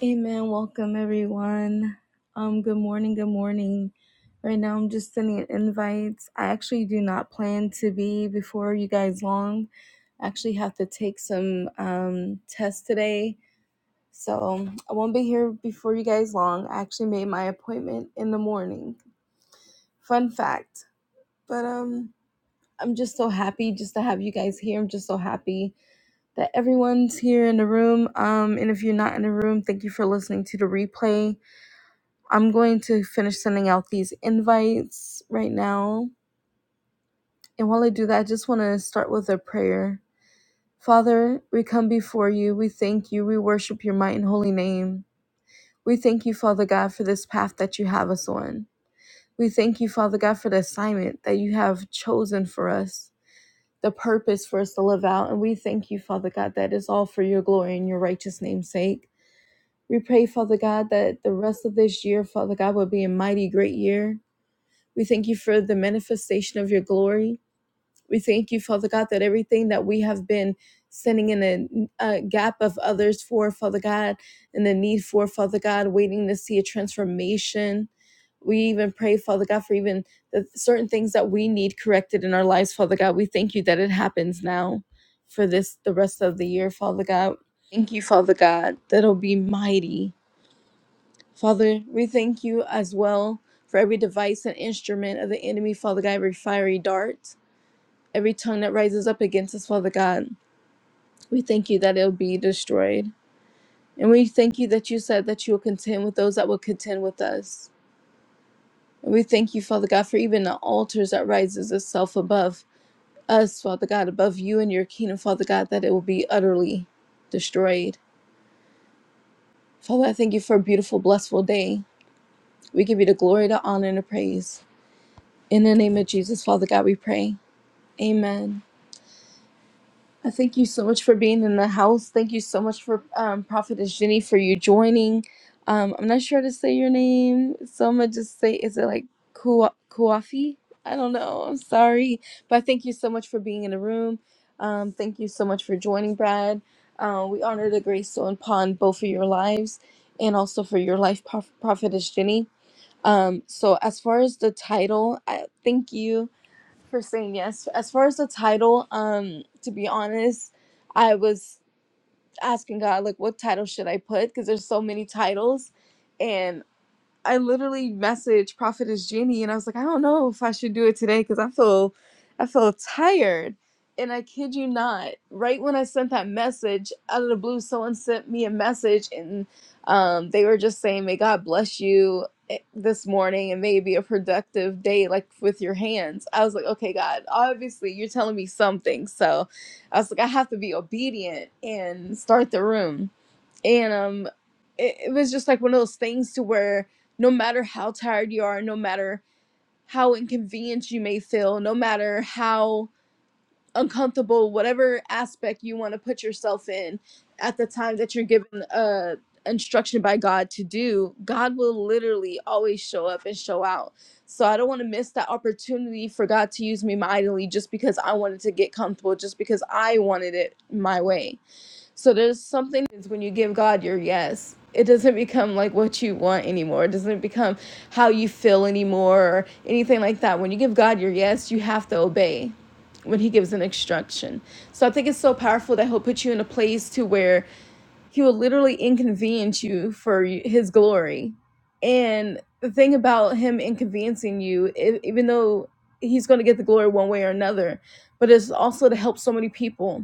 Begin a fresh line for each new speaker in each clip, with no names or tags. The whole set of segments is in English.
Amen. Welcome everyone. Um, good morning, good morning. Right now I'm just sending invites. I actually do not plan to be before you guys long. I actually have to take some um tests today. So I won't be here before you guys long. I actually made my appointment in the morning. Fun fact. But um I'm just so happy just to have you guys here. I'm just so happy that everyone's here in the room. Um and if you're not in the room, thank you for listening to the replay I'm going to finish sending out these invites right now. And while I do that, I just want to start with a prayer. Father, we come before you. We thank you. We worship your might and holy name. We thank you, Father God, for this path that you have us on. We thank you, Father God, for the assignment that you have chosen for us, the purpose for us to live out. And we thank you, Father God, that is all for your glory and your righteous name's sake. We pray, Father God, that the rest of this year, Father God, will be a mighty great year We thank you for the manifestation of your glory. We thank you, Father God, that everything that we have been standing in a, a gap of others for, Father God, and the need for, Father God, waiting to see a transformation. We even pray, Father God, for even the certain things that we need corrected in our lives, Father God. We thank you that it happens now for this, the rest of the year, Father God. Thank you, Father God, that it'll be mighty. Father, we thank you as well for every device and instrument of the enemy, Father God, every fiery dart, every tongue that rises up against us, Father God. We thank you that it'll be destroyed. And we thank you that you said that you will contend with those that will contend with us. And we thank you, Father God, for even the altars that rises itself above us, Father God, above you and your kingdom, Father God, that it will be utterly destroyed. Father, I thank you for a beautiful, blessful day. We give you the glory, the honor, and the praise. In the name of Jesus, Father God, we pray. Amen. I thank you so much for being in the house. Thank you so much for um, Prophetess Jenny for you joining. Um, I'm not sure how to say your name, so I'm gonna just say, is it like Ku- Kuafi? I don't know. I'm sorry, but thank you so much for being in the room. Um, thank you so much for joining, Brad. Uh, we honor the grace so upon both of your lives, and also for your life, Proph- Prophetess Jenny. Um, so as far as the title, I, thank you for saying yes. As far as the title, um, to be honest, I was asking God like, what title should I put? Because there's so many titles, and. I literally messaged Prophetess Jeannie and I was like, I don't know if I should do it today because I feel I feel tired. And I kid you not, right when I sent that message, out of the blue, someone sent me a message and um, they were just saying, May God bless you eh, this morning and may it be a productive day, like with your hands. I was like, Okay, God, obviously you're telling me something. So I was like, I have to be obedient and start the room and um it, it was just like one of those things to where no matter how tired you are no matter how inconvenient you may feel no matter how uncomfortable whatever aspect you want to put yourself in at the time that you're given a instruction by god to do god will literally always show up and show out so i don't want to miss that opportunity for god to use me mightily just because i wanted to get comfortable just because i wanted it my way so there's something is when you give God your yes, it doesn't become like what you want anymore. It doesn't become how you feel anymore or anything like that. When you give God your yes, you have to obey when he gives an instruction. So I think it's so powerful that he'll put you in a place to where he will literally inconvenience you for his glory. And the thing about him inconveniencing you, e- even though he's going to get the glory one way or another, but it's also to help so many people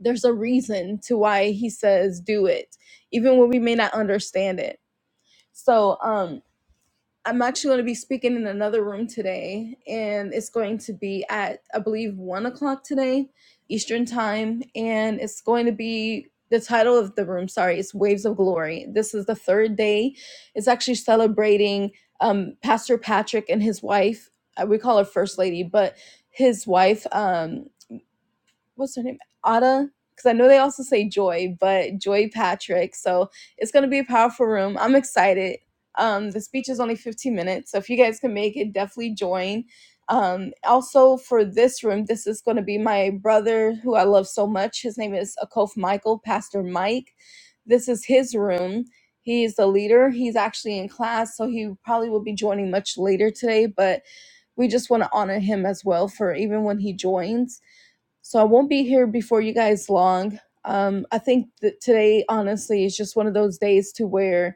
there's a reason to why he says do it even when we may not understand it so um i'm actually going to be speaking in another room today and it's going to be at i believe one o'clock today eastern time and it's going to be the title of the room sorry it's waves of glory this is the third day it's actually celebrating um pastor patrick and his wife uh, we call her first lady but his wife um, what's her name? Ada. Because I know they also say Joy, but Joy Patrick. So it's going to be a powerful room. I'm excited. Um, the speech is only 15 minutes. So if you guys can make it, definitely join. Um, also, for this room, this is going to be my brother who I love so much. His name is Akof Michael, Pastor Mike. This is his room. He is the leader. He's actually in class, so he probably will be joining much later today, but we just want to honor him as well for even when he joins so I won't be here before you guys long. Um, I think that today, honestly, is just one of those days to where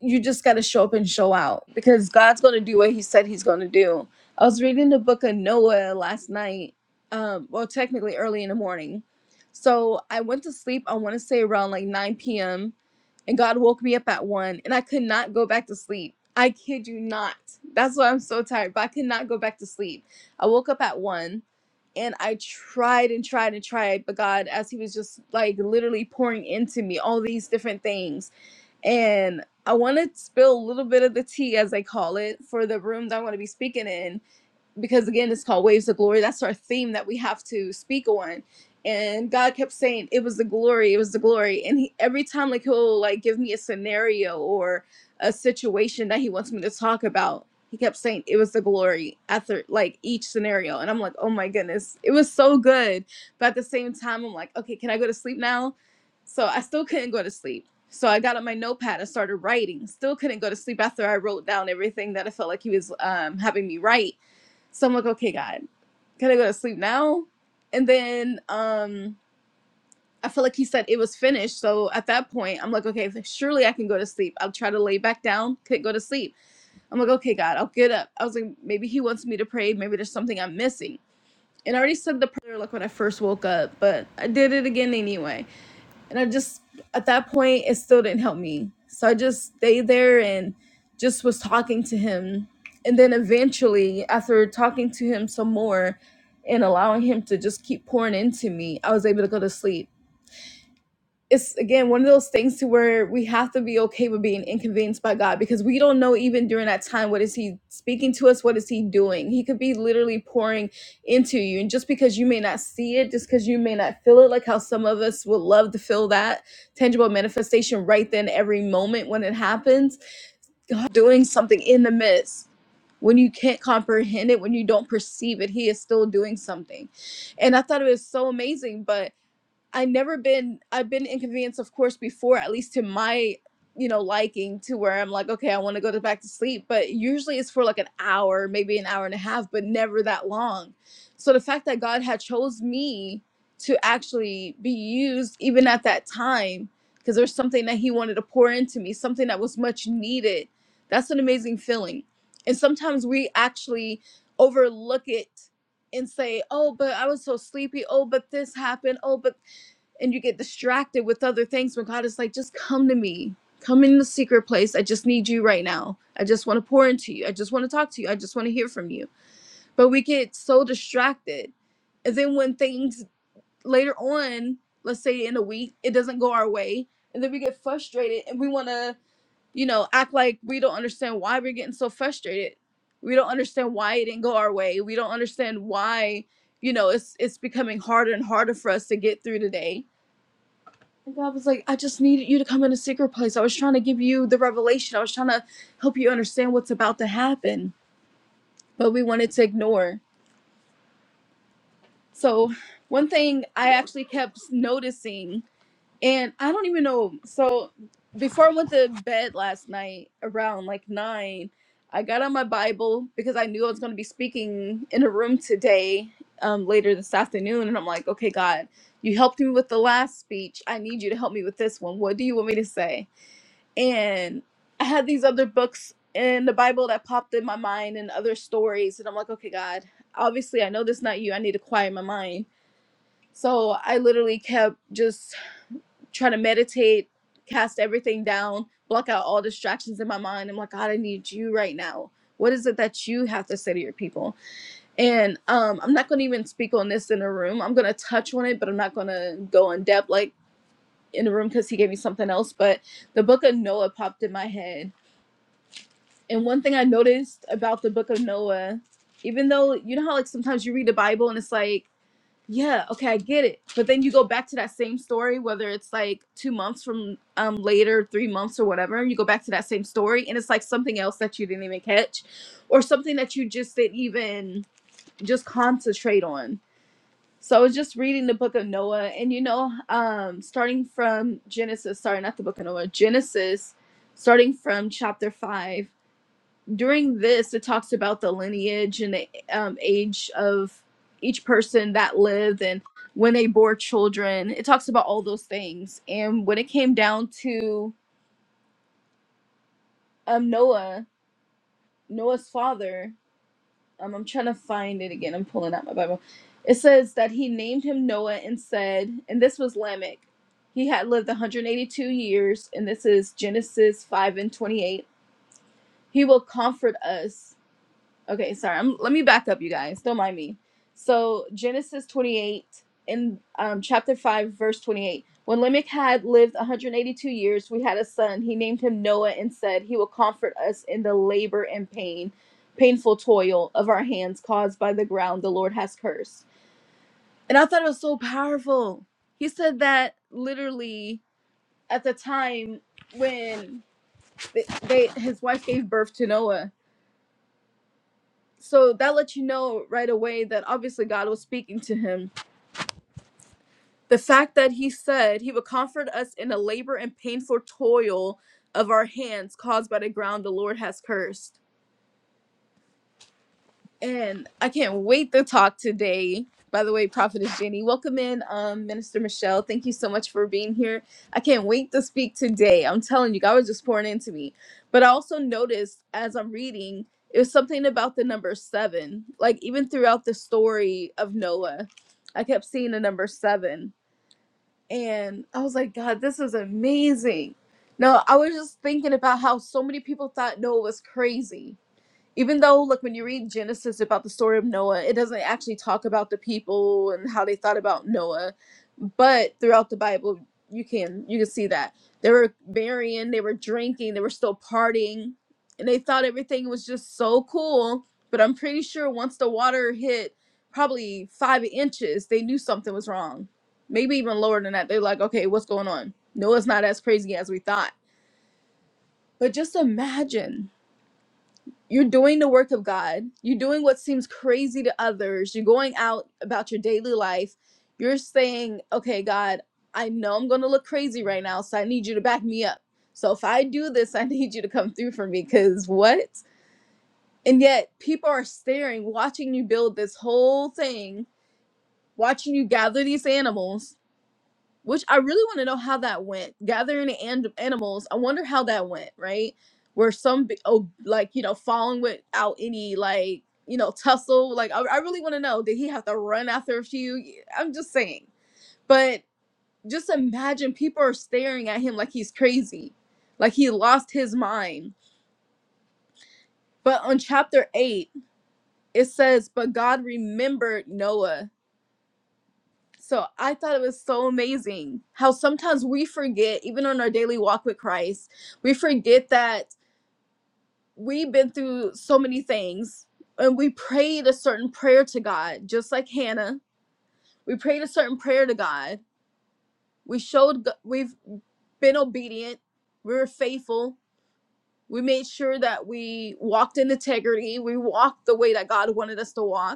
you just got to show up and show out because God's going to do what he said he's going to do. I was reading the book of Noah last night, um, well, technically early in the morning. So I went to sleep, I want to say around like 9 p.m., and God woke me up at 1, and I could not go back to sleep. I kid you not. That's why I'm so tired, but I could not go back to sleep. I woke up at 1, and I tried and tried and tried, but God, as He was just like literally pouring into me all these different things and I want to spill a little bit of the tea, as I call it, for the room that I'm going to be speaking in because again it's called waves of glory that's our theme that we have to speak on and god kept saying it was the glory it was the glory and he, every time like he'll like give me a scenario or a situation that he wants me to talk about he kept saying it was the glory after like each scenario and i'm like oh my goodness it was so good but at the same time i'm like okay can i go to sleep now so i still couldn't go to sleep so i got on my notepad and started writing still couldn't go to sleep after i wrote down everything that i felt like he was um, having me write so I'm like, okay, God, can I go to sleep now? And then um I felt like he said it was finished. So at that point, I'm like, okay, surely I can go to sleep. I'll try to lay back down, couldn't go to sleep. I'm like, okay, God, I'll get up. I was like, maybe he wants me to pray. Maybe there's something I'm missing. And I already said the prayer like when I first woke up, but I did it again anyway and I just at that point it still didn't help me. So I just stayed there and just was talking to him. And then eventually after talking to him some more and allowing him to just keep pouring into me, I was able to go to sleep it's again one of those things to where we have to be okay with being inconvenienced by God because we don't know even during that time what is he speaking to us, what is he doing? He could be literally pouring into you. And just because you may not see it, just because you may not feel it, like how some of us would love to feel that tangible manifestation right then every moment when it happens, God doing something in the midst when you can't comprehend it, when you don't perceive it, he is still doing something. And I thought it was so amazing. but. I never been I've been inconvenienced of course before at least to my you know liking to where I'm like okay I want to go to back to sleep but usually it's for like an hour maybe an hour and a half but never that long so the fact that God had chose me to actually be used even at that time because there's something that he wanted to pour into me something that was much needed that's an amazing feeling and sometimes we actually overlook it and say, "Oh, but I was so sleepy. Oh, but this happened. Oh, but and you get distracted with other things when God is like, just come to me. Come in the secret place. I just need you right now. I just want to pour into you. I just want to talk to you. I just want to hear from you. But we get so distracted. And then when things later on, let's say in a week, it doesn't go our way. And then we get frustrated and we want to, you know, act like we don't understand why we're getting so frustrated. We don't understand why it didn't go our way. We don't understand why, you know, it's it's becoming harder and harder for us to get through today and God was like, I just needed you to come in a secret place. I was trying to give you the revelation. I was trying to help you understand what's about to happen, but we wanted to ignore. So, one thing I actually kept noticing, and I don't even know. So, before I went to bed last night around like nine, I got on my Bible because I knew I was going to be speaking in a room today um, later this afternoon. And I'm like, okay, God, you helped me with the last speech. I need you to help me with this one. What do you want me to say? and I had these other books in the Bible that popped in my mind and other stories, and I'm like, okay, God, obviously I know this is not you. I need to quiet my mind. So I literally kept just trying to meditate, cast everything down, block out all distractions in my mind. I'm like, God, I need you right now. What is it that you have to say to your people? And um, I'm not going to even speak on this in a room. I'm going to touch on it, but I'm not going to go in depth like in the room because he gave me something else. But the book of Noah popped in my head And one thing I noticed about the book of Noah, even though you know how like sometimes you read the Bible and it's like, yeah, okay, I get it. But then you go back to that same story, whether it's like two months from um later, three months or whatever, you go back to that same story and it's like something else that you didn't even catch or something that you just didn't even just concentrate on. So I was just reading the book of Noah and you know, um starting from Genesis, sorry, not the book of Noah, Genesis, starting from chapter five during this it talks about the lineage and the um, age of each person that lived and when they bore children it talks about all those things and when it came down to um, noah noah's father um, i'm trying to find it again i'm pulling out my bible it says that he named him noah and said and this was lamech he had lived 182 years and this is genesis 5 and 28 he will comfort us Okay, sorry. I'm, let me back up, you guys. Don't mind me. So Genesis 28 in um, chapter 5, verse 28. When Lamech had lived 182 years, we had a son. He named him Noah and said, "He will comfort us in the labor and pain, painful toil of our hands caused by the ground the Lord has cursed." And I thought it was so powerful. He said that literally at the time when they, they his wife gave birth to Noah so that lets you know right away that obviously God was speaking to him. The fact that he said he would comfort us in the labor and painful toil of our hands caused by the ground the Lord has cursed And I can't wait to talk today. By the way, Prophetess Jenny, welcome in, um, Minister Michelle. Thank you so much for being here. I can't wait to speak today. I'm telling you, God was just pouring into me. But I also noticed as I'm reading, it was something about the number seven. Like even throughout the story of Noah, I kept seeing the number seven. And I was like, God, this is amazing. No, I was just thinking about how so many people thought Noah was crazy even though like when you read genesis about the story of noah it doesn't actually talk about the people and how they thought about noah but throughout the bible you can you can see that they were marrying they were drinking they were still partying and they thought everything was just so cool but i'm pretty sure once the water hit probably five inches they knew something was wrong maybe even lower than that they're like okay what's going on noah's not as crazy as we thought but just imagine you're doing the work of God. You're doing what seems crazy to others. You're going out about your daily life. You're saying, okay, God, I know I'm going to look crazy right now, so I need you to back me up. So if I do this, I need you to come through for me because what? And yet people are staring, watching you build this whole thing, watching you gather these animals which I really want to know how that went. Gathering the an- animals, I wonder how that went, right? Where some, be- oh, like, you know, falling without any, like, you know, tussle. Like, I, I really want to know did he have to run after a few? I'm just saying. But just imagine people are staring at him like he's crazy, like he lost his mind. But on chapter eight, it says, But God remembered Noah So I thought it was so amazing how sometimes we forget, even on our daily walk with Christ, we forget that we've been through so many things and we prayed a certain prayer to God, just like Hannah. We prayed a certain prayer to God. We showed, G- we've been obedient. We were faithful. We made sure that we walked in integrity. We walked the way that God wanted us to walk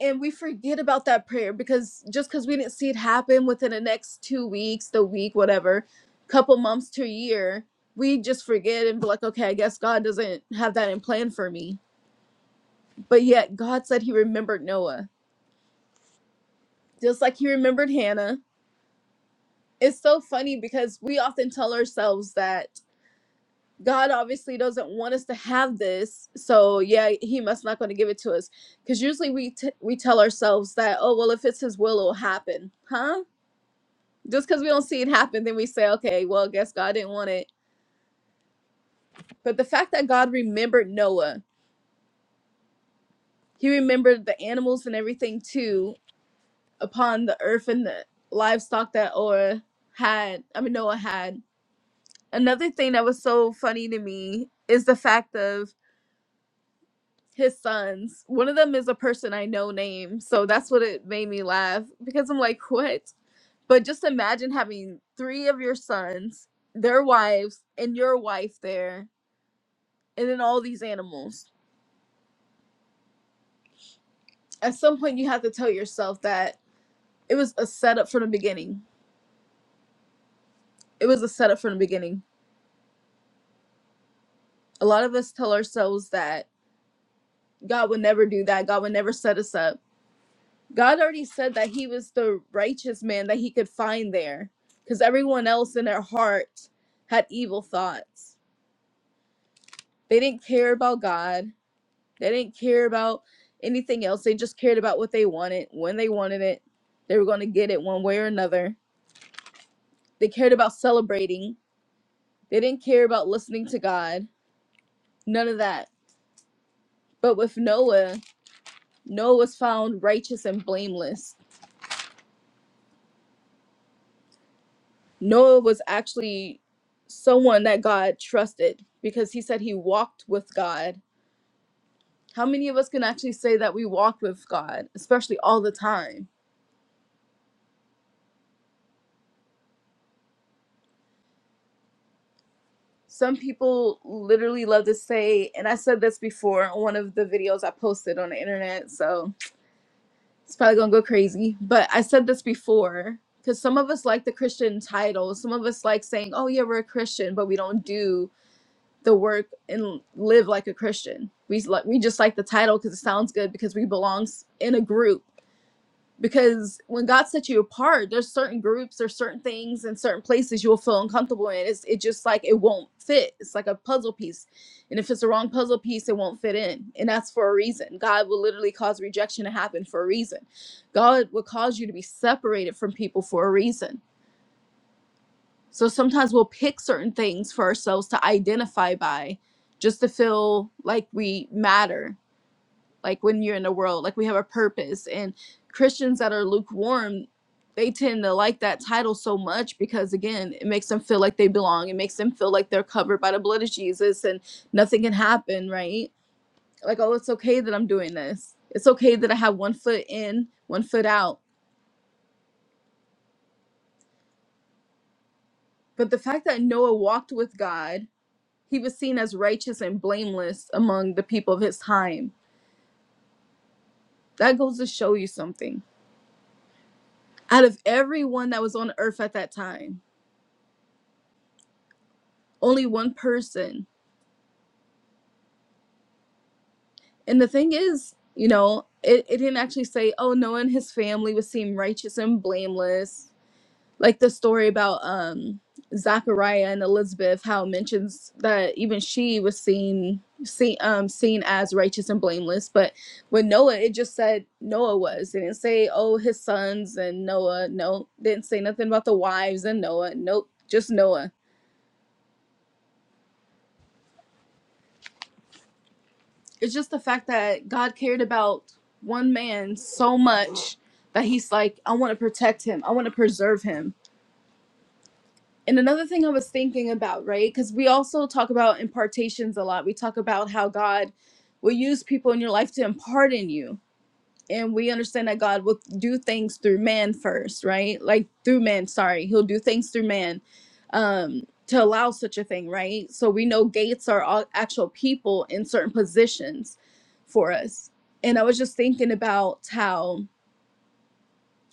and we forget about that prayer because just because we didn't see it happen within the next two weeks the week whatever couple months to a year we just forget and be like okay i guess god doesn't have that in plan for me but yet god said he remembered noah just like he remembered hannah it's so funny because we often tell ourselves that god obviously doesn't want us to have this so yeah he must not going to give it to us because usually we t- we tell ourselves that oh well if it's his will it'll happen huh just because we don't see it happen, then we say, okay, well, guess God didn't want it. But the fact that God remembered Noah, he remembered the animals and everything too upon the earth and the livestock that Orah had, I mean, Noah had. Another thing that was so funny to me is the fact of his sons. One of them is a person I know name. So that's what it made me laugh because I'm like, what? But just imagine having three of your sons, their wives, and your wife there and then all these animals. At some point, you have to tell yourself that it was a setup from the beginning. It was a setup from the beginning. A lot of us tell ourselves that God would never do that. God would never set us up. God already said that He was the righteous man that He could find there because everyone else in their heart had evil thoughts. They didn't care about God, they didn't care about anything else. They just cared about what they wanted, when they wanted it. They were going to get it one way or another. They cared about celebrating They didn't care about listening to God, none of that. But with Noah, Noah was found righteous and blameless. Noah was actually someone that God trusted because he said he walked with God. How many of us can actually say that we walk with God, especially all the time? Some people literally love to say, and I said this before on one of the videos I posted on the internet, so It's probably gonna go crazy. But I said this before because some of us like the Christian title. Some of us like saying, "Oh yeah, we're a Christian," but we don't do the work and live like a Christian. We s- like we just like the title because it sounds good because we belong s- in a group because when God sets you apart, there's certain groups, there's certain things and certain places you'll feel uncomfortable in. It's it just like it won't fit. It's like a puzzle piece. And if it's the wrong puzzle piece, it won't fit in. And that's for a reason. God will literally cause rejection to happen for a reason. God will cause you to be separated from people for a reason. So sometimes we'll pick certain things for ourselves to identify by just to feel like we matter like when you're in the world like we have a purpose and christians that are lukewarm they tend to like that title so much because again it makes them feel like they belong it makes them feel like they're covered by the blood of jesus and nothing can happen right like oh it's okay that i'm doing this it's okay that i have one foot in one foot out but the fact that noah walked with god he was seen as righteous and blameless among the people of his time that goes to show you something out of everyone that was on earth at that time only one person. And the thing is, you know, it, it didn't actually say, oh, Noah and his family would seem righteous and blameless. Like the story about um Zachariah and Elizabeth, how it mentions that even she was seen seen um seen as righteous and blameless. But with Noah, it just said Noah was. It didn't say, oh, his sons and Noah. No, didn't say nothing about the wives and Noah. Nope, just Noah it's just the fact that God cared about one man so much that he's like, I want to protect him, I want to preserve him. And another thing I was thinking about, right? Because we also talk about impartations a lot. We talk about how God will use people in your life to impart in you and we understand that God will do things through man first, right? Like through man, sorry, he'll do things through man um to allow such a thing, right? So we know gates are all actual people in certain positions for us. And I was just thinking about how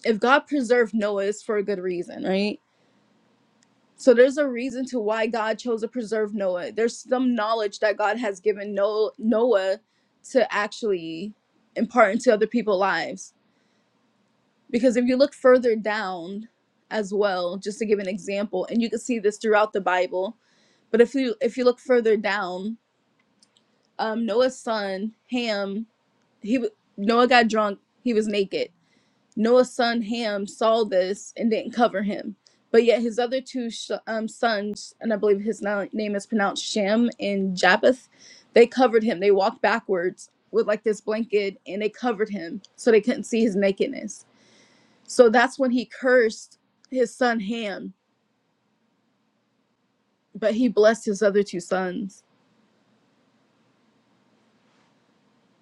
if God preserved Noah it's for a good reason, right? So there's a reason to why God chose to preserve Noah. There's some knowledge that God has given No- Noah to actually impart into other people's lives Because if you look further down as well, just to give an example, and you can see this throughout the Bible, but if you if you look further down, um, Noah's son Ham, he w- Noah got drunk, he was naked. Noah's son Ham saw this and didn't cover him, but yet his other two sh- um, sons, and I believe his na- name is pronounced Shem and Japheth, they covered him. They walked backwards with like this blanket and they covered him so they couldn't see his nakedness so that's when he cursed his son Ham, but he blessed his other two sons.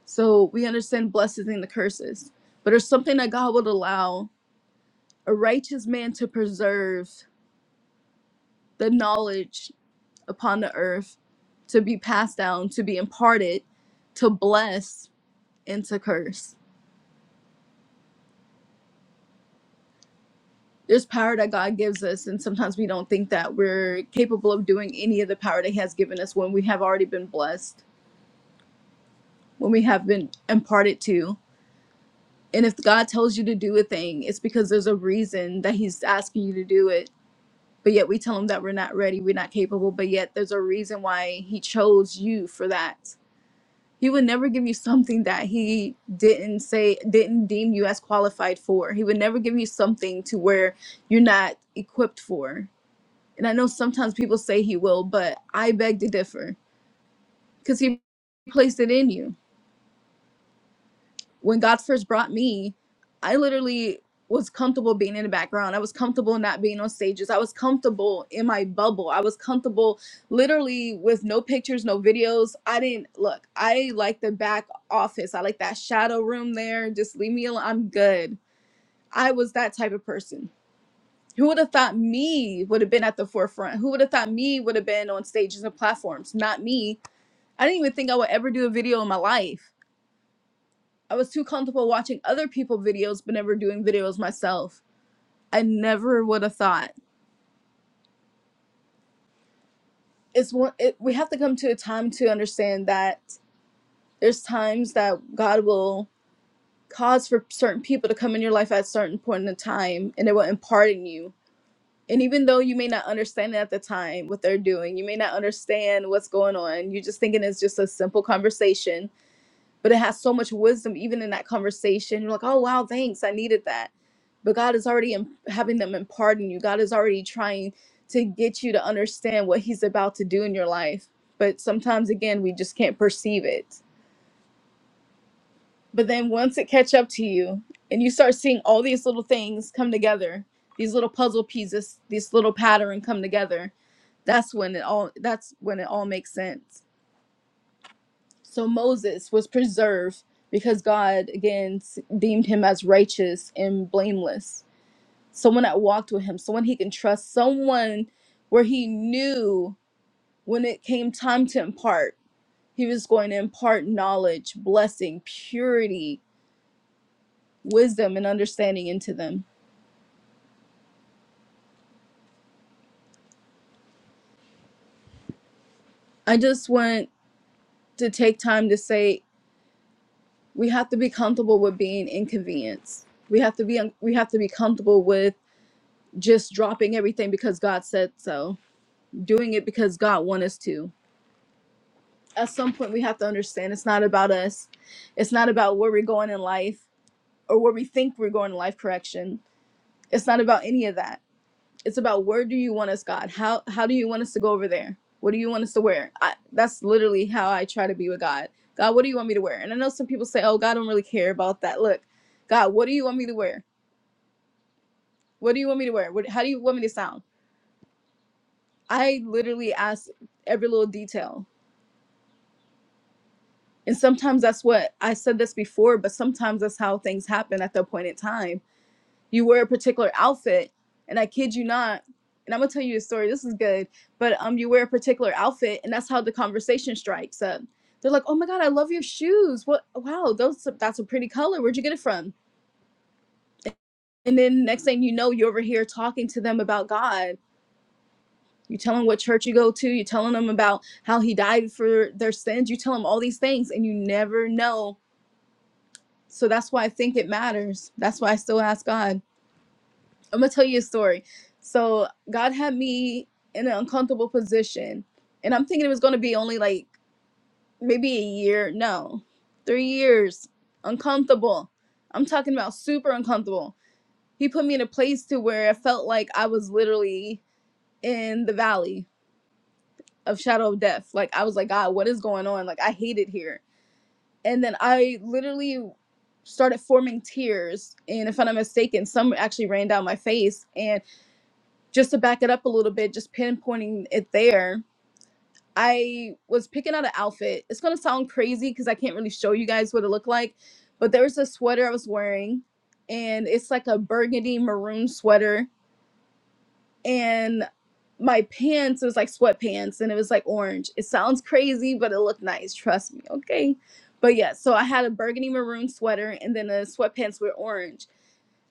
So we understand blessings and the curses. But there's something that God would allow a righteous man to preserve the knowledge upon the earth to be passed down, to be imparted, to bless, and to curse. There's power that God gives us, and sometimes we don't think that we're capable of doing any of the power that He has given us when we have already been blessed, when we have been imparted to And if God tells you to do a thing, it's because there's a reason that He's asking you to do it. But yet we tell Him that we're not ready, we're not capable, but yet there's a reason why He chose you for that. He would never give you something that He didn't say, didn't deem you as qualified for. He would never give you something to where you're not equipped for. And I know sometimes people say He will, but I beg to differ because He placed it in you. when God first brought me, I literally was comfortable being in the background. I was comfortable not being on stages. I was comfortable in my bubble. I was comfortable literally with no pictures, no videos. I didn't look, I like the back office. I like that shadow room there. Just leave me alone. I'm good. I was that type of person. Who would have thought me would have been at the forefront? Who would have thought me would have been on stages and platforms? Not me. I didn't even think I would ever do a video in my life I was too comfortable watching other people's videos but never doing videos myself. I never would have thought. It's one it, we have to come to a time to understand that there's times that God will cause for certain people to come in your life at a certain point in time and they will impart in you. And even though you may not understand at the time what they're doing, you may not understand what's going on. You're just thinking it's just a simple conversation but it has so much wisdom even in that conversation you're like oh wow thanks i needed that but god is already in, having them imparting you god is already trying to get you to understand what he's about to do in your life but sometimes again we just can't perceive it but then once it catch up to you and you start seeing all these little things come together these little puzzle pieces this little pattern come together that's when it all that's when it all makes sense So Moses was preserved because God again deemed him as righteous and blameless. Someone that walked with him, someone he can trust, someone where he knew when it came time to impart, he was going to impart knowledge, blessing, purity, wisdom, and understanding into them. I just want to take time to say we have to be comfortable with being inconvenienced. We have to be we have to be comfortable with just dropping everything because God said so doing it because God wants us to. At some point, we have to understand it's not about us. It's not about where we're going in life or where we think we're going in life correction. It's not about any of that. It's about where do you want us, God? How how do you want us to go over there? What do you want us to wear? I, that's literally how I try to be with God. God, what do you want me to wear? And I know some people say, "Oh, God, I don't really care about that." Look, God, what do you want me to wear? What do you want me to wear? What, how do you want me to sound? I literally ask every little detail And sometimes that's what I said this before, but sometimes that's how things happen at the appointed time. You wear a particular outfit, and I kid you not, and I'm gonna tell you a story. This is good, but um, you wear a particular outfit, and that's how the conversation strikes up. They're like, "Oh my god, I love your shoes! What? Wow, those that's a pretty color. Where'd you get it from?" And then next thing you know, you're over here talking to them about God. You tell them what church you go to. You telling them about how He died for their sins. You tell them all these things, and you never know So that's why I think it matters. That's why I still ask God. I'm gonna tell you a story. So God had me in an uncomfortable position, and I'm thinking it was gonna be only like maybe a year. No, three years. Uncomfortable. I'm talking about super uncomfortable. He put me in a place to where I felt like I was literally in the valley of shadow of death. Like I was like, God, what is going on? Like I hate it here. and then I literally started forming tears. And if I'm not mistaken, some actually ran down my face. And just to back it up a little bit, just pinpointing it there, I was picking out an outfit. It's gonna sound crazy because I can't really show you guys what it looked like, but there was a sweater I was wearing, and it's like a burgundy maroon sweater and my pants it was like sweatpants and it was like orange it sounds crazy but it looked nice trust me okay but yeah so i had a burgundy maroon sweater and then the sweatpants were orange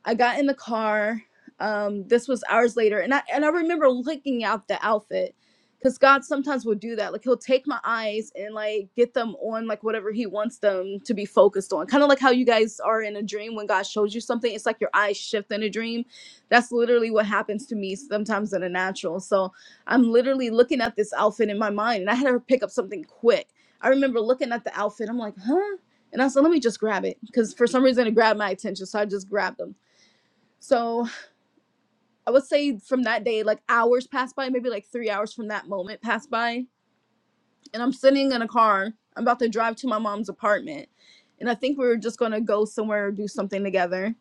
I got in the car. Um, this was hours later, and I and I remember looking at the outfit, because God sometimes will do that. Like He'll take my eyes and like get them on like whatever He wants them to be focused on. Kind of like how you guys are in a dream when God shows you something. It's like your eyes shift in a dream. That's literally what happens to me sometimes in a natural. So I'm literally looking at this outfit in my mind, and I had to pick up something quick. I remember looking at the outfit. I'm like, huh? And I said, let me just grab it, because for some reason it grabbed my attention. So I just grabbed them so I would say from that day, like hours passed by, maybe like three hours from that moment passed by. And I'm sitting in a car. I'm about to drive to my mom's apartment. And I think we were just going to go somewhere or do something together.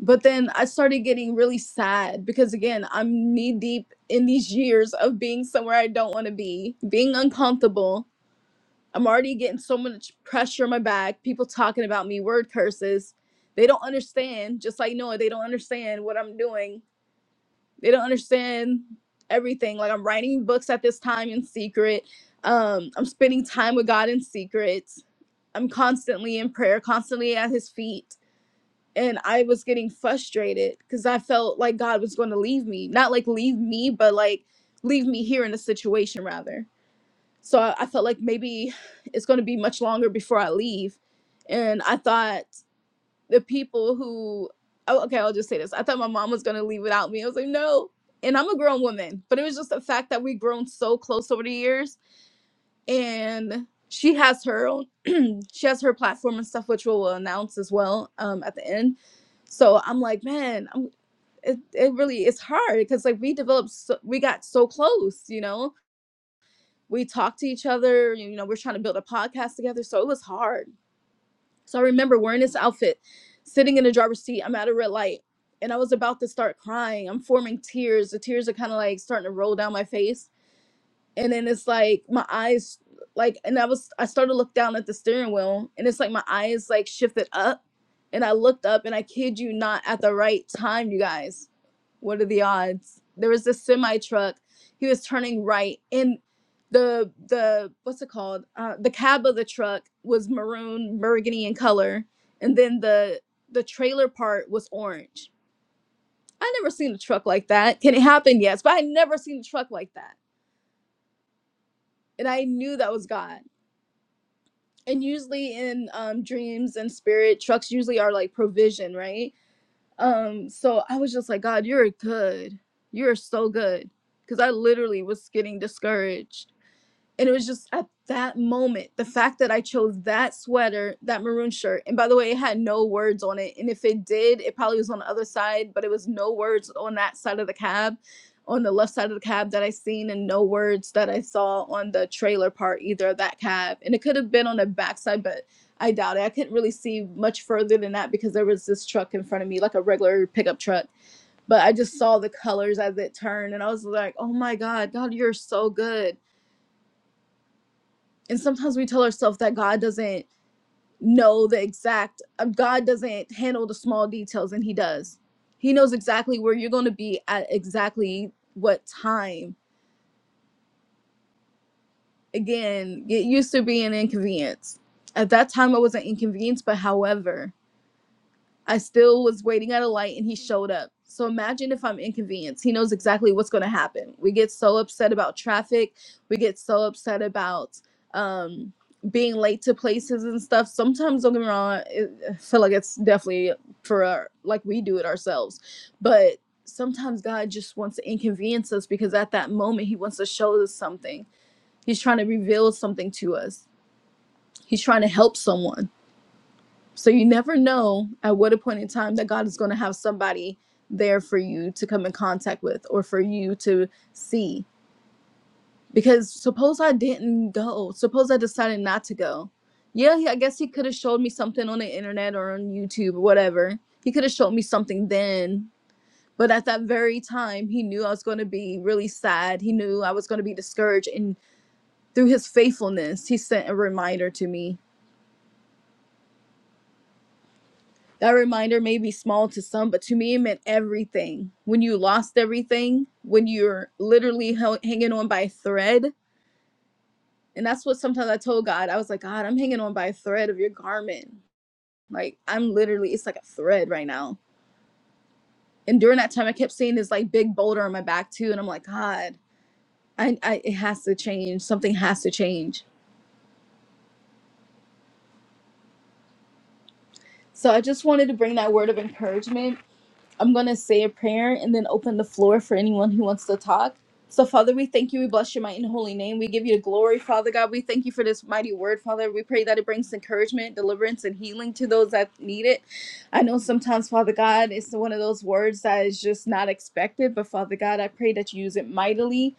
But then I started getting really sad because, again, I'm knee deep in these years of being somewhere I don't want to be, being uncomfortable. I'm already getting so much pressure on my back, people talking about me, word curses. They don't understand, just like Noah, they don't understand what I'm doing they don't understand everything like i'm writing books at this time in secret um i'm spending time with god in secret i'm constantly in prayer constantly at his feet and i was getting frustrated because i felt like god was going to leave me not like leave me but like leave me here in a situation rather so i, I felt like maybe it's going to be much longer before i leave and i thought the people who oh okay i'll just say this i thought my mom was going to leave without me i was like no and i'm a grown woman but it was just the fact that we've grown so close over the years and she has her own she has her platform and stuff which we'll announce as well um, at the end so i'm like man i'm it, it really it's hard because like we developed so, we got so close you know we talked to each other you know we're trying to build a podcast together so it was hard so I remember wearing this outfit, sitting in the driver's seat. I'm at a red light and I was about to start crying. I'm forming tears. The tears are kind of like starting to roll down my face and then it's like my eyes like and i was i started to look down at the steering wheel and it's like my eyes like shifted up and i looked up and i kid you not at the right time you guys what are the odds there was this semi truck he was turning right and the the what's it called uh, the cab of the truck was maroon burgundy in color and then the the trailer part was orange i never seen a truck like that can it happen yes but i never seen a truck like that and i knew that was god and usually in um, dreams and spirit trucks usually are like provision right um so i was just like god you're good you're so good because i literally was getting discouraged and it was just at that moment, the fact that I chose that sweater, that maroon shirt, and by the way, it had no words on it. And if it did, it probably was on the other side, but it was no words on that side of the cab, on the left side of the cab that I seen, and no words that I saw on the trailer part either of that cab. And it could have been on the backside, but I doubt it. I couldn't really see much further than that because there was this truck in front of me, like a regular pickup truck. But I just saw the colors as it turned, and I was like, oh my God, God, you're so good and sometimes we tell ourselves that God doesn't know the exact uh, God doesn't handle the small details and he does. He knows exactly where you're going to be at exactly what time. Again, it used to be an inconvenience. At that time I was an inconvenience, but however, I still was waiting at a light and he showed up. So imagine if I'm inconvenienced. He knows exactly what's going to happen. We get so upset about traffic. We get so upset about um, being late to places and stuff. Sometimes, don't get me wrong, it, I feel like it's definitely for our, like we do it ourselves. But sometimes God just wants to inconvenience us because at that moment, He wants to show us something. He's trying to reveal something to us, He's trying to help someone so you never know at what a point in time that God is going to have somebody there for you to come in contact with or for you to see. Because suppose I didn't go, suppose I decided not to go. Yeah, he- I guess he could have showed me something on the internet or on YouTube or whatever. He could have showed me something then. But at that very time, he knew I was going to be really sad. He knew I was going to be discouraged. And through his faithfulness, he sent a reminder to me That reminder may be small to some, but to me, it meant everything. When you lost everything, when you're literally hel- hanging on by a thread. And that's what sometimes I told God. I was like, God, I'm hanging on by a thread of your garment. Like, I'm literally, it's like a thread right now. And during that time, I kept seeing this like big boulder on my back too. And I'm like, God, I, I it has to change. Something has to change. So I just wanted to bring that word of encouragement I'm going to say a prayer and then open the floor for anyone who wants to talk. So, Father, we thank you. We bless your mighty and holy name. We give you the glory, Father God. We thank you for this mighty word, Father. We pray that it brings encouragement, deliverance, and healing to those that need it. I know sometimes, Father God, it's one of those words that is just not expected, but Father God, I pray that you use it mightily.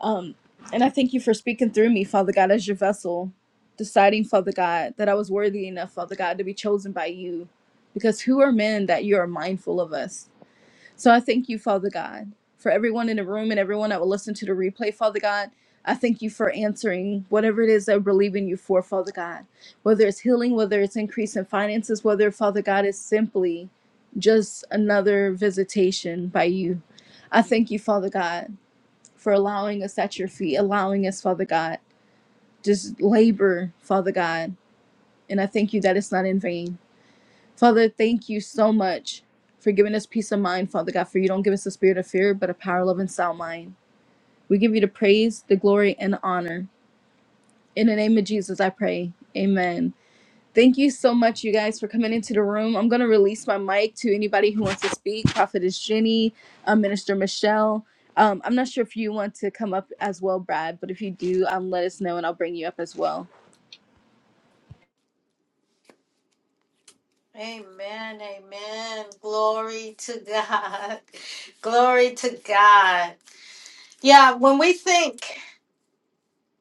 Um, and I thank you for speaking through me, Father God, as your vessel, deciding, Father God, that I was worthy enough, Father God, to be chosen by you. Because who are men that you are mindful of us? So I thank you, Father God, for everyone in the room and everyone that will listen to the replay, Father God. I thank you for answering whatever it is I believe in you for, Father God. Whether it's healing, whether it's increase in finances, whether, Father God, is simply just another visitation by you. I thank you, Father God, for allowing us at your feet, allowing us, Father God, just labor, Father God. And I thank you that it's not in vain. Father, thank you so much for giving us peace of mind, Father God, for you don't give us the spirit of fear, but a power, love, and sound mind. We give you the praise, the glory, and the honor. In the name of Jesus, I pray. Amen. Thank you so much, you guys, for coming into the room. I'm going to release my mic to anybody who wants to speak. Prophetess Jenny, uh, Minister Michelle. Um, I'm not sure if you want to come up as well, Brad, but if you do, um, let us know and I'll bring you up as well.
Amen. Amen. Glory to God. Glory to God. Yeah, when we think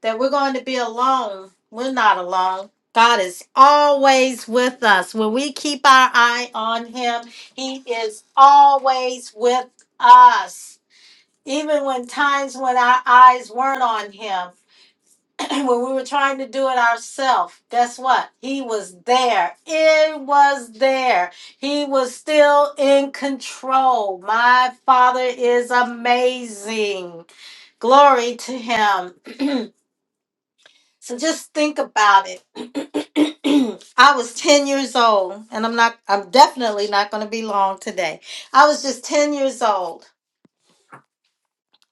that we're going to be alone, we're not alone. God is always with us. When we keep our eye on Him, He is always with us. Even when times when our eyes weren't on Him, when we were trying to do it ourselves, guess what? He was there. It was there. He was still in control. My Father is amazing. Glory to Him. so just think about it. I was 10 years old, and I'm not, I'm definitely not going to be long today. I was just 10 years old,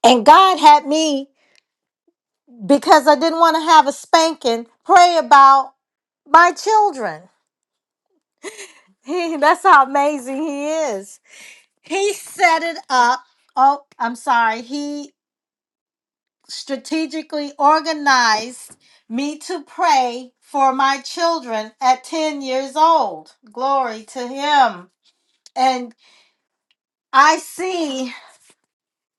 and God had me because I didn't want to have a spanking, pray about my children. He, that's how amazing he is. He set it up. Oh, I'm sorry. He strategically organized me to pray for my children at 10 years old. Glory to him. And I see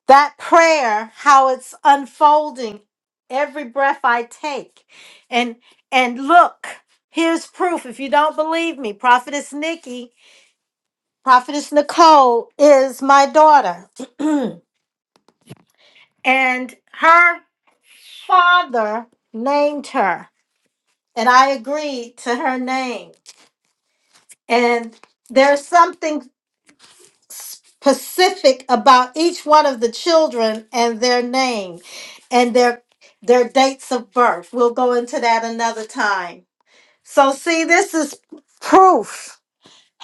that prayer how it's unfolding every breath I take. And and look, here's proof if you don't believe me. Prophetess Nikki Prophetess Nicole is my daughter, and her father named her, and I agreed to her name. And there's something specific about each one of the children and their name and their their dates of birth. We'll go into that another time. So see, this is proof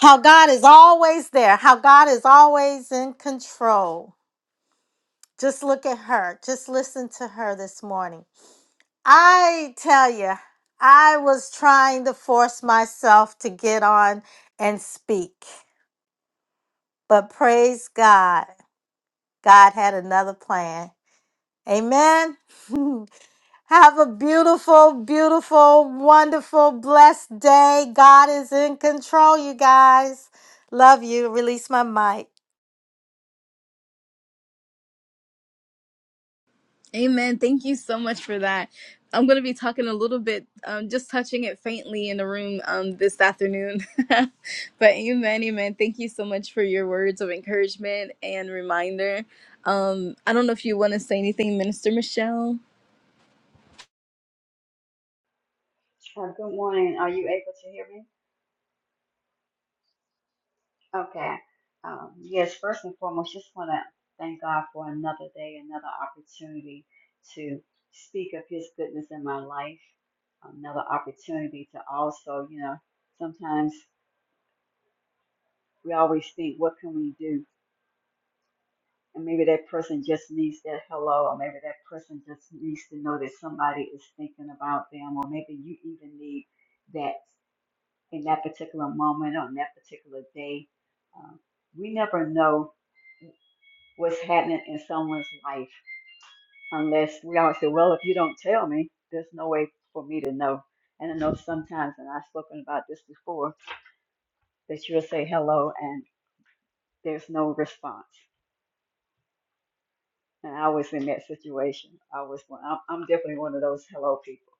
how God is always there, how God is always in control. Just look at her. Just listen to her this morning. I tell you, I was trying to force myself to get on and speak. But praise God, God had another plan. Amen. Have a beautiful, beautiful, wonderful, blessed day. God is in control, you guys. Love you. Release my mic.
Amen. Thank you so much for that. I'm going to be talking a little bit, um, just touching it faintly in the room um, this afternoon. but amen, amen. Thank you so much for your words of encouragement and reminder. Um, I don't know if you want to say anything, Minister Michelle.
Uh, good morning. Are you able to hear me? Okay. Um, yes, first and foremost, just want to thank God for another day, another opportunity to speak of His goodness in my life, another opportunity to also, you know, sometimes we always think, what can we do? And maybe that person just needs that hello, or maybe that person just needs to know that somebody is thinking about them, or maybe you even need that. in that particular moment on that particular day. Um, we never know what's happening in someone's life unless we always say, Well, if you don't tell me, there's no way for me to know. And I know sometimes, and I've spoken about this before, that you'll say hello and there's no response. And I was in that situation. I was, I'm I'm definitely one of those hello people.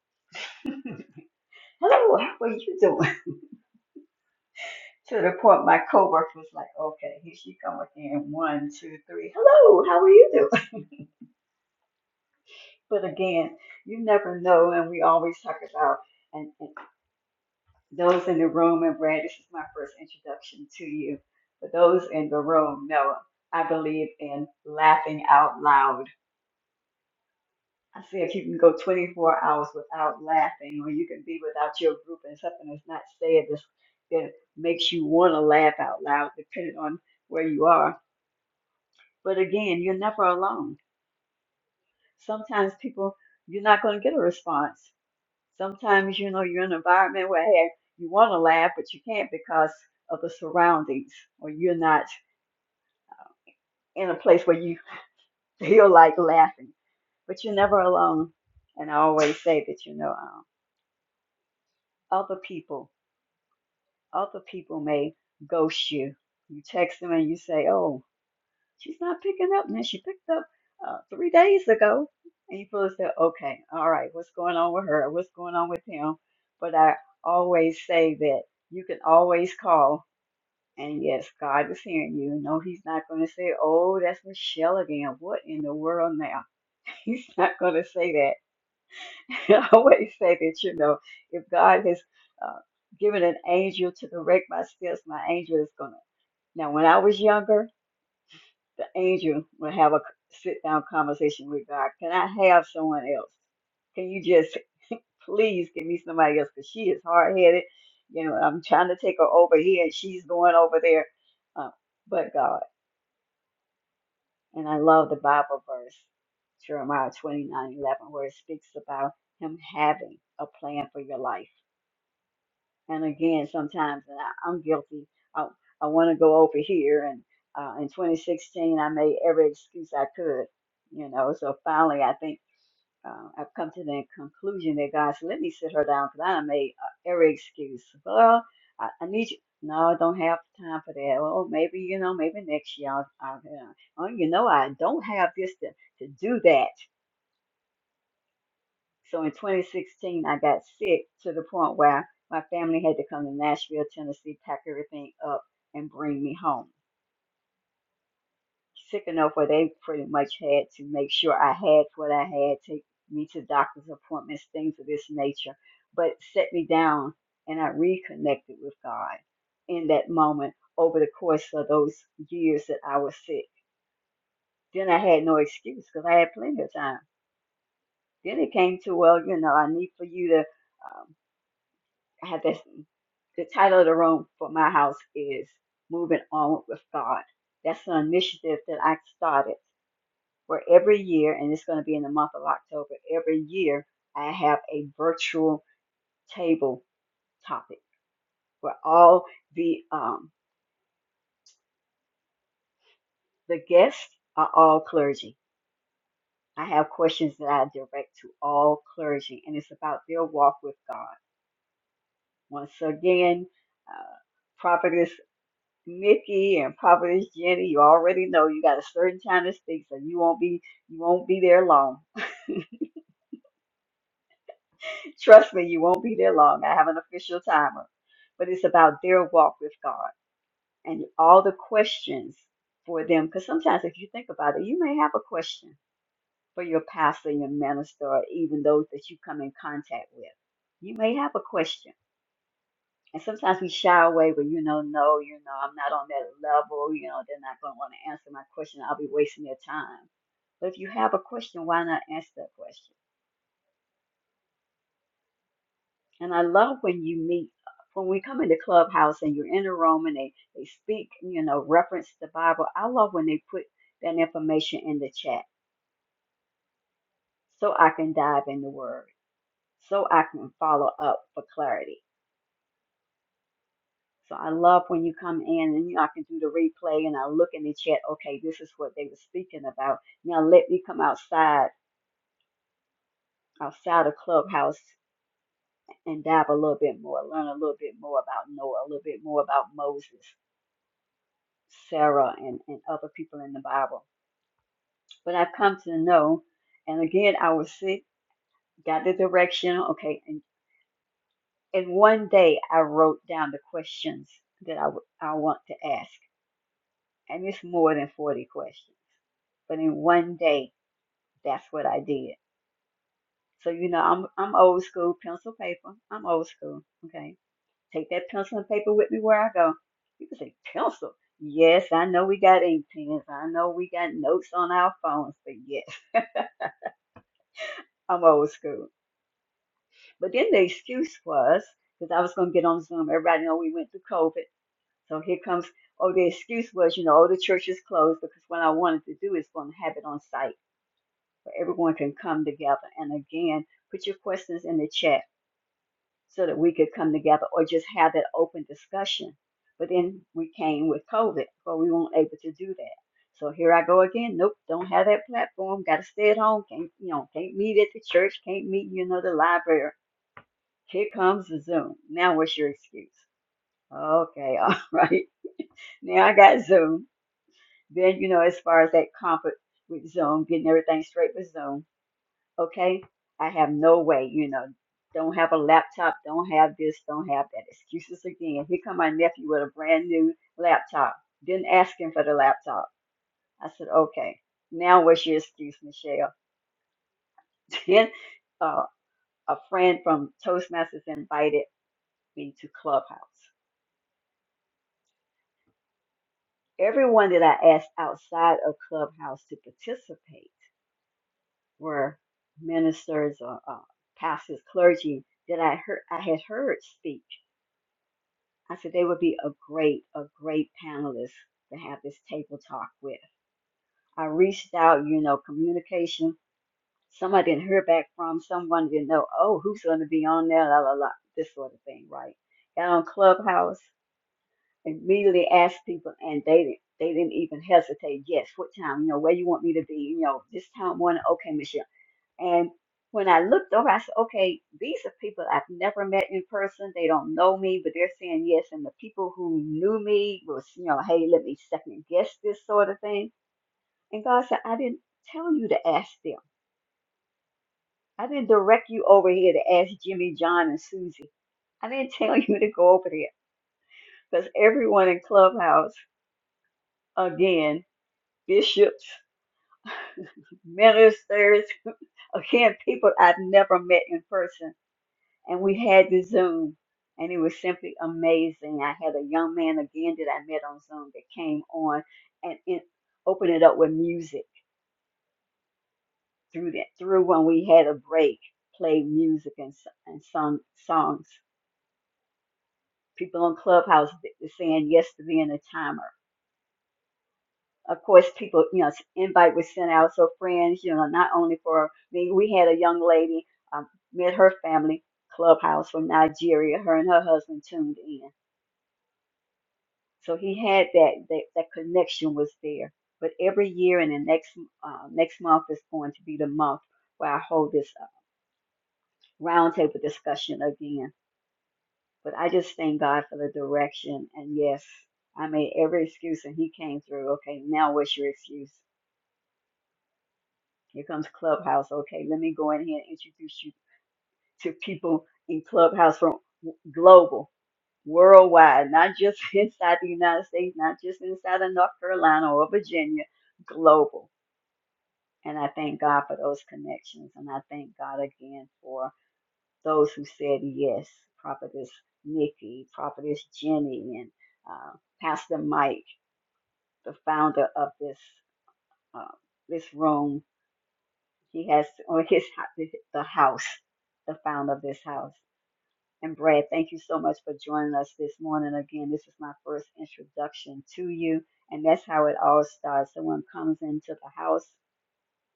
Hello, how are you doing? To the point my coworker was like, okay, here she come again. One, two, three. Hello, how are you doing? But again, you never know, and we always talk about and, and those in the room. And Brad, this is my first introduction to you. For those in the room, know I believe in laughing out loud. I say if you can go 24 hours without laughing, or you can be without your group and something that's not said that's, that makes you want to laugh out loud, depending on where you are. But again, you're never alone. Sometimes people, you're not going to get a response Sometimes, you know, you're in an environment where hey, you want to laugh, but you can't because of the surroundings, or you're not in a place where you feel like laughing. But you're never alone. And I always say that, you know, um, other people, other people may ghost you. You text them and you say, oh, she's not picking up. And then she picked up uh, three days ago. And you feel as though, okay, all right, what's going on with her? What's going on with him? But I always say that you can always call And yes, God is hearing you. No, He's not going to say, Oh, that's Michelle again. What in the world now? He's not going to say that. I always say that, you know, if God has uh, given an angel to direct my steps, my angel is going to. Now, when I was younger, the angel would have a sit down conversation with God. Can I have someone else? Can you just please give me somebody else? Because she is hard headed. You know, I'm trying to take her over here and she's going over there. Uh, but God. And I love the Bible verse, Jeremiah twenty nine eleven, where it speaks about him having a plan for your life. And again, sometimes and I, I'm guilty. I, I want to go over here. And uh, in 2016, I made every excuse I could, you know. So finally, I think uh, I've come to the conclusion that God said, let me sit her down because I made uh, every excuse. Well, I, I need you. No, I don't have time for that. Well, maybe, you know, maybe next year I'll, I'll you know, oh, you know, I don't have this to, to do that. So in 2016, I got sick to the point where my family had to come to Nashville, Tennessee, pack everything up and bring me home. sick enough where they pretty much had to make sure I had what I had, take me to doctor's appointments, things of this nature, but set me down and I reconnected with God in that moment over the course of those years that I was sick. Then I had no excuse because I had plenty of time. Then it came to, well, you know, I need for you to, um, I had this, the title of the room for my house is Moving On with God. That's an initiative that I started where every year, and it's going to be in the month of October, every year I have a virtual table topic where all the um, the guests are all clergy. I have questions that I direct to all clergy, and it's about their walk with God. Once again, uh, Prophetess Nikki and Prophetess Jenny, you already know you got a certain time to speak, so you won't be you won't be there long. Trust me, you won't be there long. I have an official timer. But it's about their walk with God and all the questions for them. Because sometimes, if you think about it, you may have a question for your pastor, your minister, or even those that you come in contact with. You may have a question. And sometimes we shy away, but you know, no, you know, I'm not on that level. You know, they're not going to want to answer my question. I'll be wasting their time. But if you have a question, why not answer that question? And I love when you meet, when we come into Clubhouse and you're in a room and they, they speak, you know, reference the Bible. I love when they put that information in the chat so I can dive in the Word, so I can follow up for clarity. So I love when you come in and you know, I can do the replay and I look in the chat, okay, this is what they were speaking about. Now let me come outside, outside of Clubhouse and dive a little bit more, learn a little bit more about Noah, a little bit more about Moses Sarah and, and other people in the Bible. But I've come to know, and again, I was sick, got the direction, okay, and, and one day I wrote down the questions that I, w- I want to ask. And it's more than 40 questions, but in one day, that's what I did. So, you know, I'm, I'm old school, pencil paper. I'm old school, okay? Take that pencil and paper with me where I go. You can say, pencil. Yes, I know we got ink pens. I know we got notes on our phones, but yes. I'm old school. But then the excuse was, because I was going to get on Zoom. Everybody know we went through COVID. So here comes, oh, the excuse was, you know, oh, the church is closed because what I wanted to do is going to have it on site where everyone can come together. And again, put your questions in the chat so that we could come together or just have that open discussion. But then we came with COVID, but we weren't able to do that. So here I go again. Nope, don't have that platform. Got to stay at home. Can't, you know, can't meet at the church. Can't meet, you know, the library Here comes the Zoom. Now, what's your excuse? Okay, all right. Now I got Zoom. Then, you know, as far as that comfort with Zoom, getting everything straight with Zoom, okay? I have no way, you know, don't have a laptop, don't have this, don't have that. Excuses again. Here come my nephew with a brand new laptop. Didn't ask him for the laptop. I said, okay, now what's your excuse, Michelle? Then uh, a friend from Toastmasters invited me to Clubhouse. Everyone that I asked outside of Clubhouse to participate were ministers or uh, pastors, clergy that I heard I had heard speak. I said they would be a great, a great panelist to have this table talk with. I reached out, you know, communication. Some I didn't hear back from. Someone didn't know, oh, who's going to be on there, la la la, this sort of thing, right? Got on Clubhouse. immediately asked people, and they didn't. They didn't even hesitate. Yes, what time? You know, where you want me to be? You know, this time morning. Okay, Michelle. And when I looked over, I said, okay, these are people I've never met in person. They don't know me, but they're saying yes. And the people who knew me was, you know, hey, let me second guess this sort of thing. And God said, I didn't tell you to ask them. I didn't direct you over here to ask Jimmy, John, and Susie. I didn't tell you to go over there because everyone in Clubhouse, again, bishops. ministers, again, people I've never met in person. And we had the Zoom, and it was simply amazing. I had a young man again that I met on Zoom that came on and it, opened it up with music through that, through when we had a break, played music and, s- and sung songs. People on Clubhouse th- saying yes to being a timer. of course, people, you know, invite was sent out. So friends, you know, not only for me, we had a young lady, um, met her family clubhouse from Nigeria. Her and her husband tuned in. So he had that, that, that connection was there. But every year and the next, uh, next month is going to be the month where I hold this uh, roundtable discussion again. But I just thank God for the direction. And yes, I made every excuse and he came through. Okay, now what's your excuse? Here comes Clubhouse. Okay, let me go in here and introduce you to people in Clubhouse from w- global, worldwide, not just inside the United States, not just inside of North Carolina or Virginia, global. And I thank God for those connections. And I thank God again for those who said yes Prophetess Nikki, Prophetess Jenny, and uh, Pastor Mike, the founder of this, uh, this room He has on his ho- the house, the founder of this house. And Brad, thank you so much for joining us this morning. Again, this is my first introduction to you, and that's how it all starts. Someone comes into the house,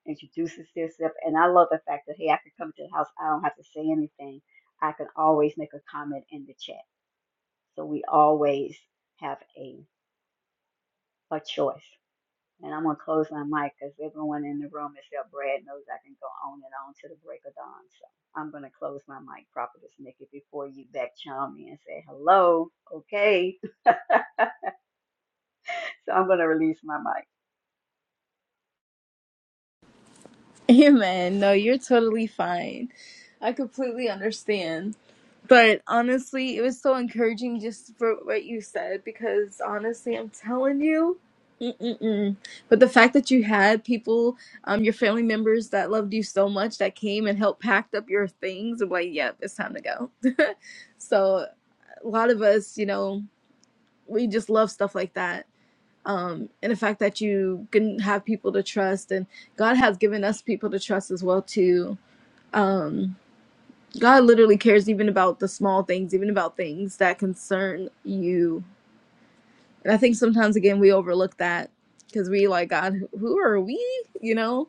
introduces themselves, and I love the fact that hey, I can come to the house. I don't have to say anything. I can always make a comment in the chat. So we always have a a choice. And I'm going to close my mic because everyone in the room except Brad knows I can go on and on to the break of dawn. So I'm going to close my mic, Prophetess Nikki, before you back chime me and say hello. Okay. so I'm going to release my mic.
Amen. No, you're totally fine. I completely understand. But honestly, it was so encouraging just for what you said because honestly, I'm telling you, mm-mm-mm. but the fact that you had people, um, your family members that loved you so much that came and helped packed up your things, I'm like, yep, it's time to go. so a lot of us, you know, we just love stuff like that um, and the fact that you can have people to trust, and God has given us people to trust as well too. Um, God literally cares even about the small things, even about things that concern you. And I think sometimes again we overlook that because we like God, who are we? You know,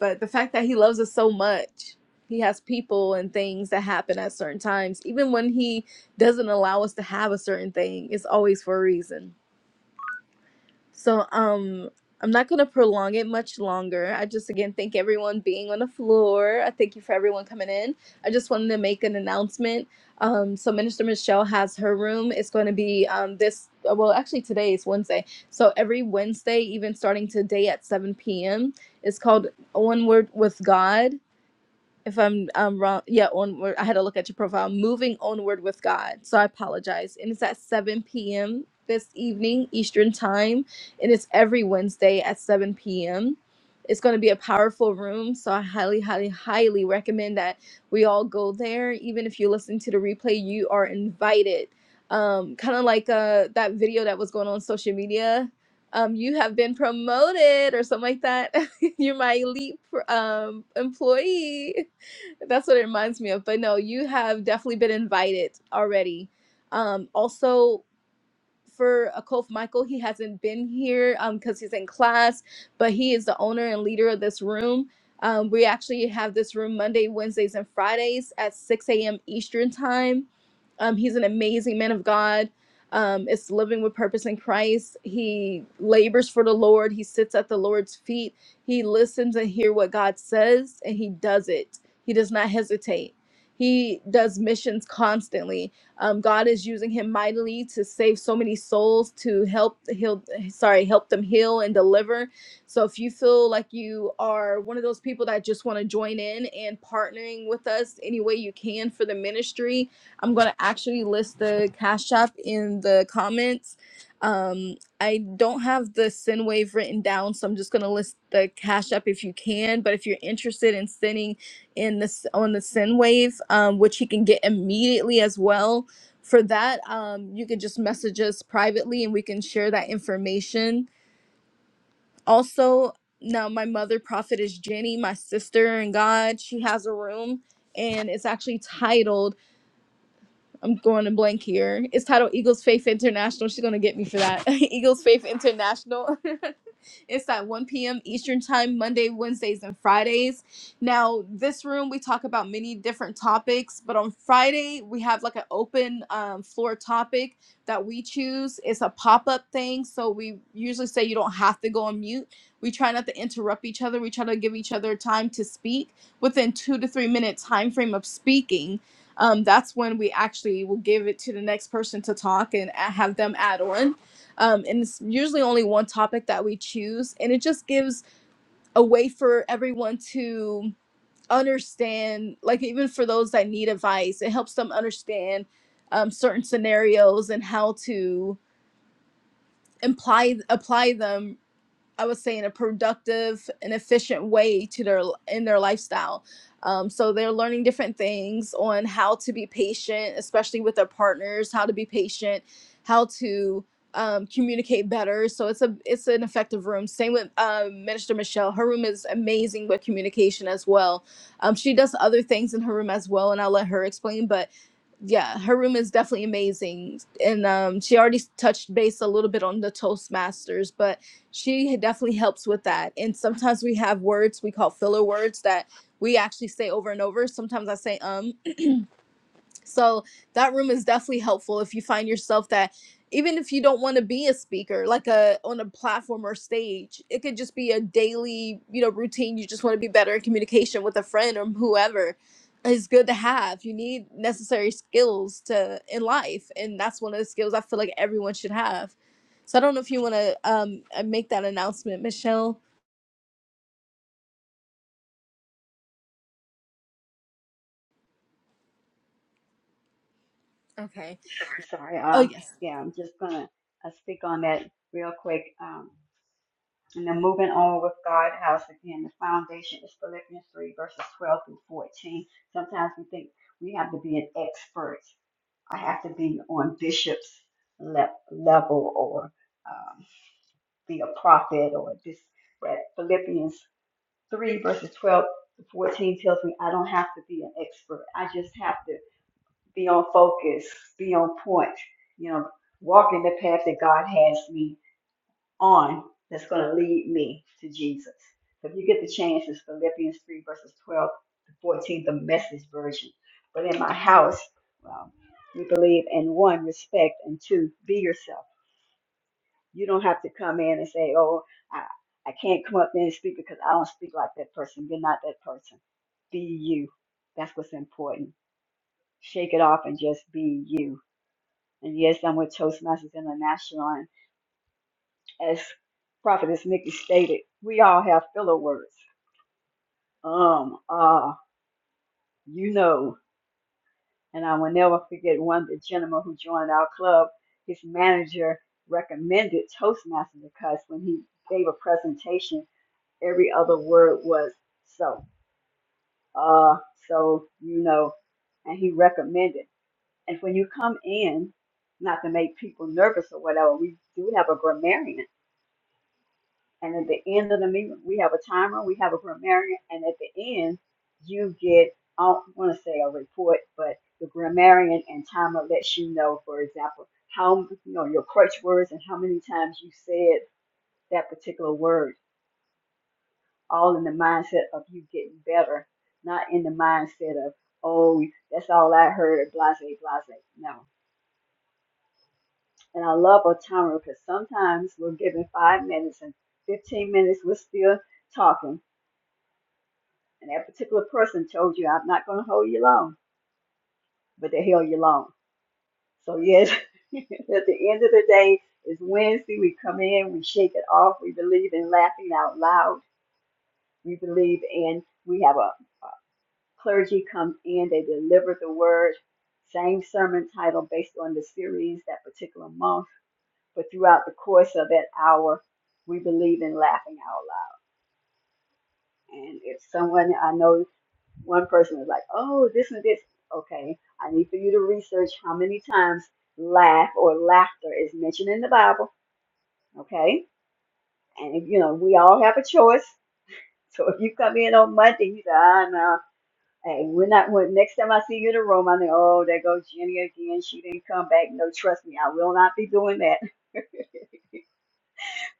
but the fact that He loves us so much. He has people and things that happen at certain times. Even when he doesn't allow us to have a certain thing, it's always for a reason So um I'm not gonna prolong it much longer. I just again thank everyone being on the floor. I thank you for everyone coming in. I just wanted to make an announcement. Um, so Minister Michelle has her room. It's going to be um this uh, well actually today is Wednesday. So every Wednesday, even starting today at 7 p.m. It's called One Word with God if I'm um wrong, yeah, onward. I had to look at your profile. Moving onward with God. So I apologize. And it's at 7 p.m. this evening, Eastern time. And it's every Wednesday at 7 p.m. It's going to be a powerful room. So I highly, highly, highly recommend that we all go there. Even if you listen to the replay, you are invited. Um, kind of like uh that video that was going on social media. Um, you have been promoted or something like that. You're my elite pr- um employee. That's what it reminds me of. But no, you have definitely been invited already. Um, also, for Akof Michael. He hasn't been here um because he's in class, but he is the owner and leader of this room. Um, we actually have this room Monday, Wednesdays, and Fridays at 6 a.m. Eastern Time. Um, he's an amazing man of God. Um, it's living with purpose in Christ. He labors for the Lord. He sits at the Lord's feet. He listens and hear what God says, and he does it. He does not hesitate. He does missions constantly um, God is using him mightily to save so many souls, to help heal, sorry, help them heal and deliver. So if you feel like you are one of those people that just want to join in and partnering with us any way you can for the ministry, I'm going to actually list the cash app in the comments. Um, I don't have the send wave written down, so I'm just going to list the cash app if you can. But if you're interested in sending in this on the send wave, um, which you can get immediately as well, for that um, you can just message us privately and we can share that information also now my mother prophet is jenny my sister in god she has a room and it's actually titled I'm going to blank here. It's titled Eagles Faith International. She's gonna get me for that. Eagles Faith International. it's at 1 p.m. Eastern Time, Monday, Wednesdays, and Fridays. Now, this room we talk about many different topics, but on Friday we have like an open um, floor topic that we choose. It's a pop-up thing, so we usually say you don't have to go on mute. We try not to interrupt each other. We try to give each other time to speak within two to three minute time frame of speaking um, that's when we actually will give it to the next person to talk and have them add on. Um, and it's usually only one topic that we choose, and it just gives a way for everyone to understand, like, even for those that need advice, it helps them understand um, certain scenarios and how to imply apply them I would say in a productive and efficient way to their in their lifestyle. Um, so they're learning different things on how to be patient, especially with their partners, how to be patient, how to um, communicate better. So it's a it's an effective room. Same with um, Minister Michelle. Her room is amazing with communication as well. Um, she does other things in her room as well, and I'll let her explain. But yeah, her room is definitely amazing. And um, she already touched base a little bit on the Toastmasters, but she definitely helps with that. And sometimes we have words we call filler words that we actually say over and over. Sometimes I say um, so that room is definitely helpful if you find yourself that even if you don't want to be a speaker, like a on a platform or stage, it could just be a daily, you know, routine. You just want to be better in communication with a friend or whoever. It's good to have. You need necessary skills to in life, and that's one of the skills I feel like everyone should have. So I don't know if you want to um uh, make that announcement, Michelle. Okay.
sorry.
Oh yeah.
Um, yeah, I'm just going to uh, speak on that real quick. Um, and then moving on with God house again, the foundation is Philippians 3, verses 12 through 14. Sometimes we think we have to be an expert I have to be on bishop's le- level or um, be a prophet or this. But Philippians 3, verses 12 to 14 tells me I don't have to be an expert. I just have to be on focus, be on point, you know, walk in the path that God has me on that's going to lead me to Jesus. So if you get the chance, it's Philippians 3, verses 12 to 14, the message version. But in my house, well, we believe in one, respect, and two, be yourself. You don't have to come in and say, oh, I, I can't come up there and speak because I don't speak like that person. You're not that person. Be you. That's what's important. Shake it off and just be you. And yes, I'm with Toastmasters International. as Prophetess Nikki stated, we all have filler words. Um, ah, you know, and I will never forget one, the gentleman who joined our club, his manager recommended Toastmasters because when he gave a presentation, every other word was so, uh, so, you know, and he recommended. And when you come in, not to make people nervous or whatever, we do have a grammarian And at the end of the meeting, we have a timer, we have a grammarian, and at the end, you get, I don't want to say a report, but the grammarian and timer lets you know, for example, how, you know, your crutch words and how many times you said that particular word, all in the mindset of you getting better, not in the mindset of, oh, that's all I heard, blase, blase. No. And I love a timer because sometimes we're given five minutes and 15 minutes, we're still talking And that particular person told you, I'm not going to hold you long, but they held you long. So, yes, at the end of the day, it's Wednesday. We come in, we shake it off. We believe in laughing out loud. We believe in, we have a, a clergy comes in, they deliver the word, same sermon title based on the series that particular month. But throughout the course of that hour, we believe in laughing out loud. And if someone I know One person was like, oh, this and this. Okay, I need for you to research how many times laugh or laughter is mentioned in the Bible. Okay, and you know, we all have a choice. So if you come in on Monday, you say, ah, no, hey, we're not, when, next time I see you in the room, I think, oh, there goes Jenny again. She didn't come back. No, trust me, I will not be doing that.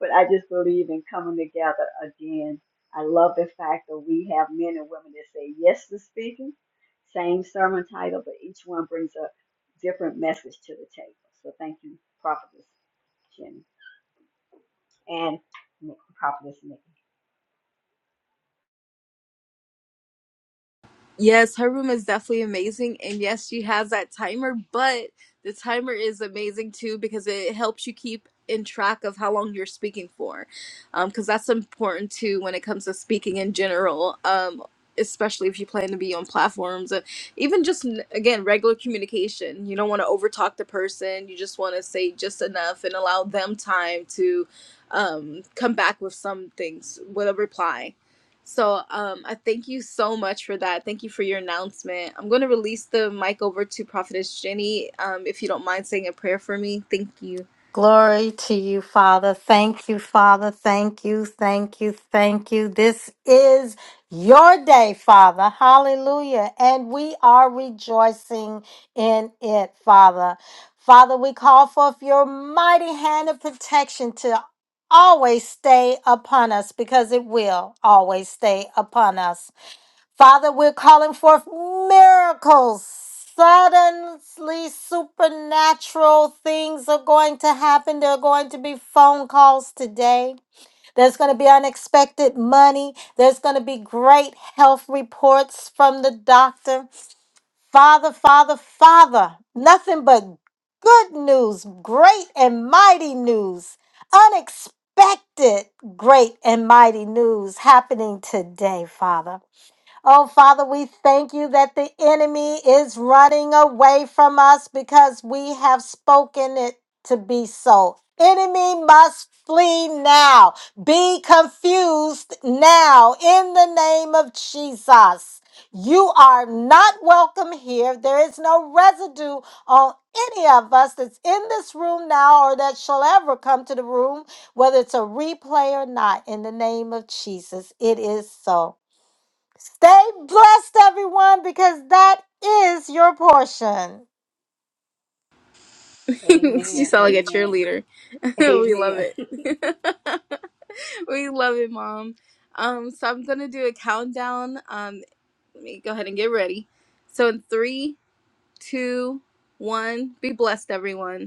but I just believe in coming together again. I love the fact that we have men and women that say yes to speaking, same sermon title, but each one brings a different message to the table. So thank you, Prophetess Jenny and Prophetess Nikki.
Yes, her room is definitely amazing. And yes, she has that timer, but the timer is amazing too because it helps you keep in track of how long you're speaking for. Um, because that's important too when it comes to speaking in general. Um, especially if you plan to be on platforms and even just n- again regular communication you don't want to overtalk the person you just want to say just enough and allow them time to um, come back with some things with a reply so um, I thank you so much for that. Thank you for your announcement. I'm going to release the mic over to Prophetess Jenny. Um, if you don't mind saying a prayer for me, thank you.
Glory to you, Father. Thank you, Father. Thank you, thank you, thank you. This is your day, Father. Hallelujah. And we are rejoicing in it, Father. Father, we call forth your mighty hand of protection to always stay upon us because it will always stay upon us. Father, we're calling forth miracles. Suddenly, supernatural things are going to happen. There are going to be phone calls today. There's going to be unexpected money. There's going to be great health reports from the doctor. Father, Father, Father, nothing but good news, great and mighty news, unexpected great and mighty news happening today, Father. Oh, Father, we thank you that the enemy is running away from us because we have spoken it to be so. Enemy must flee now. Be confused now in the name of Jesus. You are not welcome here. There is no residue on any of us that's in this room now or that shall ever come to the room, whether it's a replay or not. In the name of Jesus, it is so. Stay blessed, everyone, because that is your portion.
you
Amen,
sound like a
amen,
cheerleader. we love
amen.
it. We love it, Mom. Um, so I'm going to do a countdown. Um, let me go ahead and get ready. So in three, two, one, be blessed, everyone.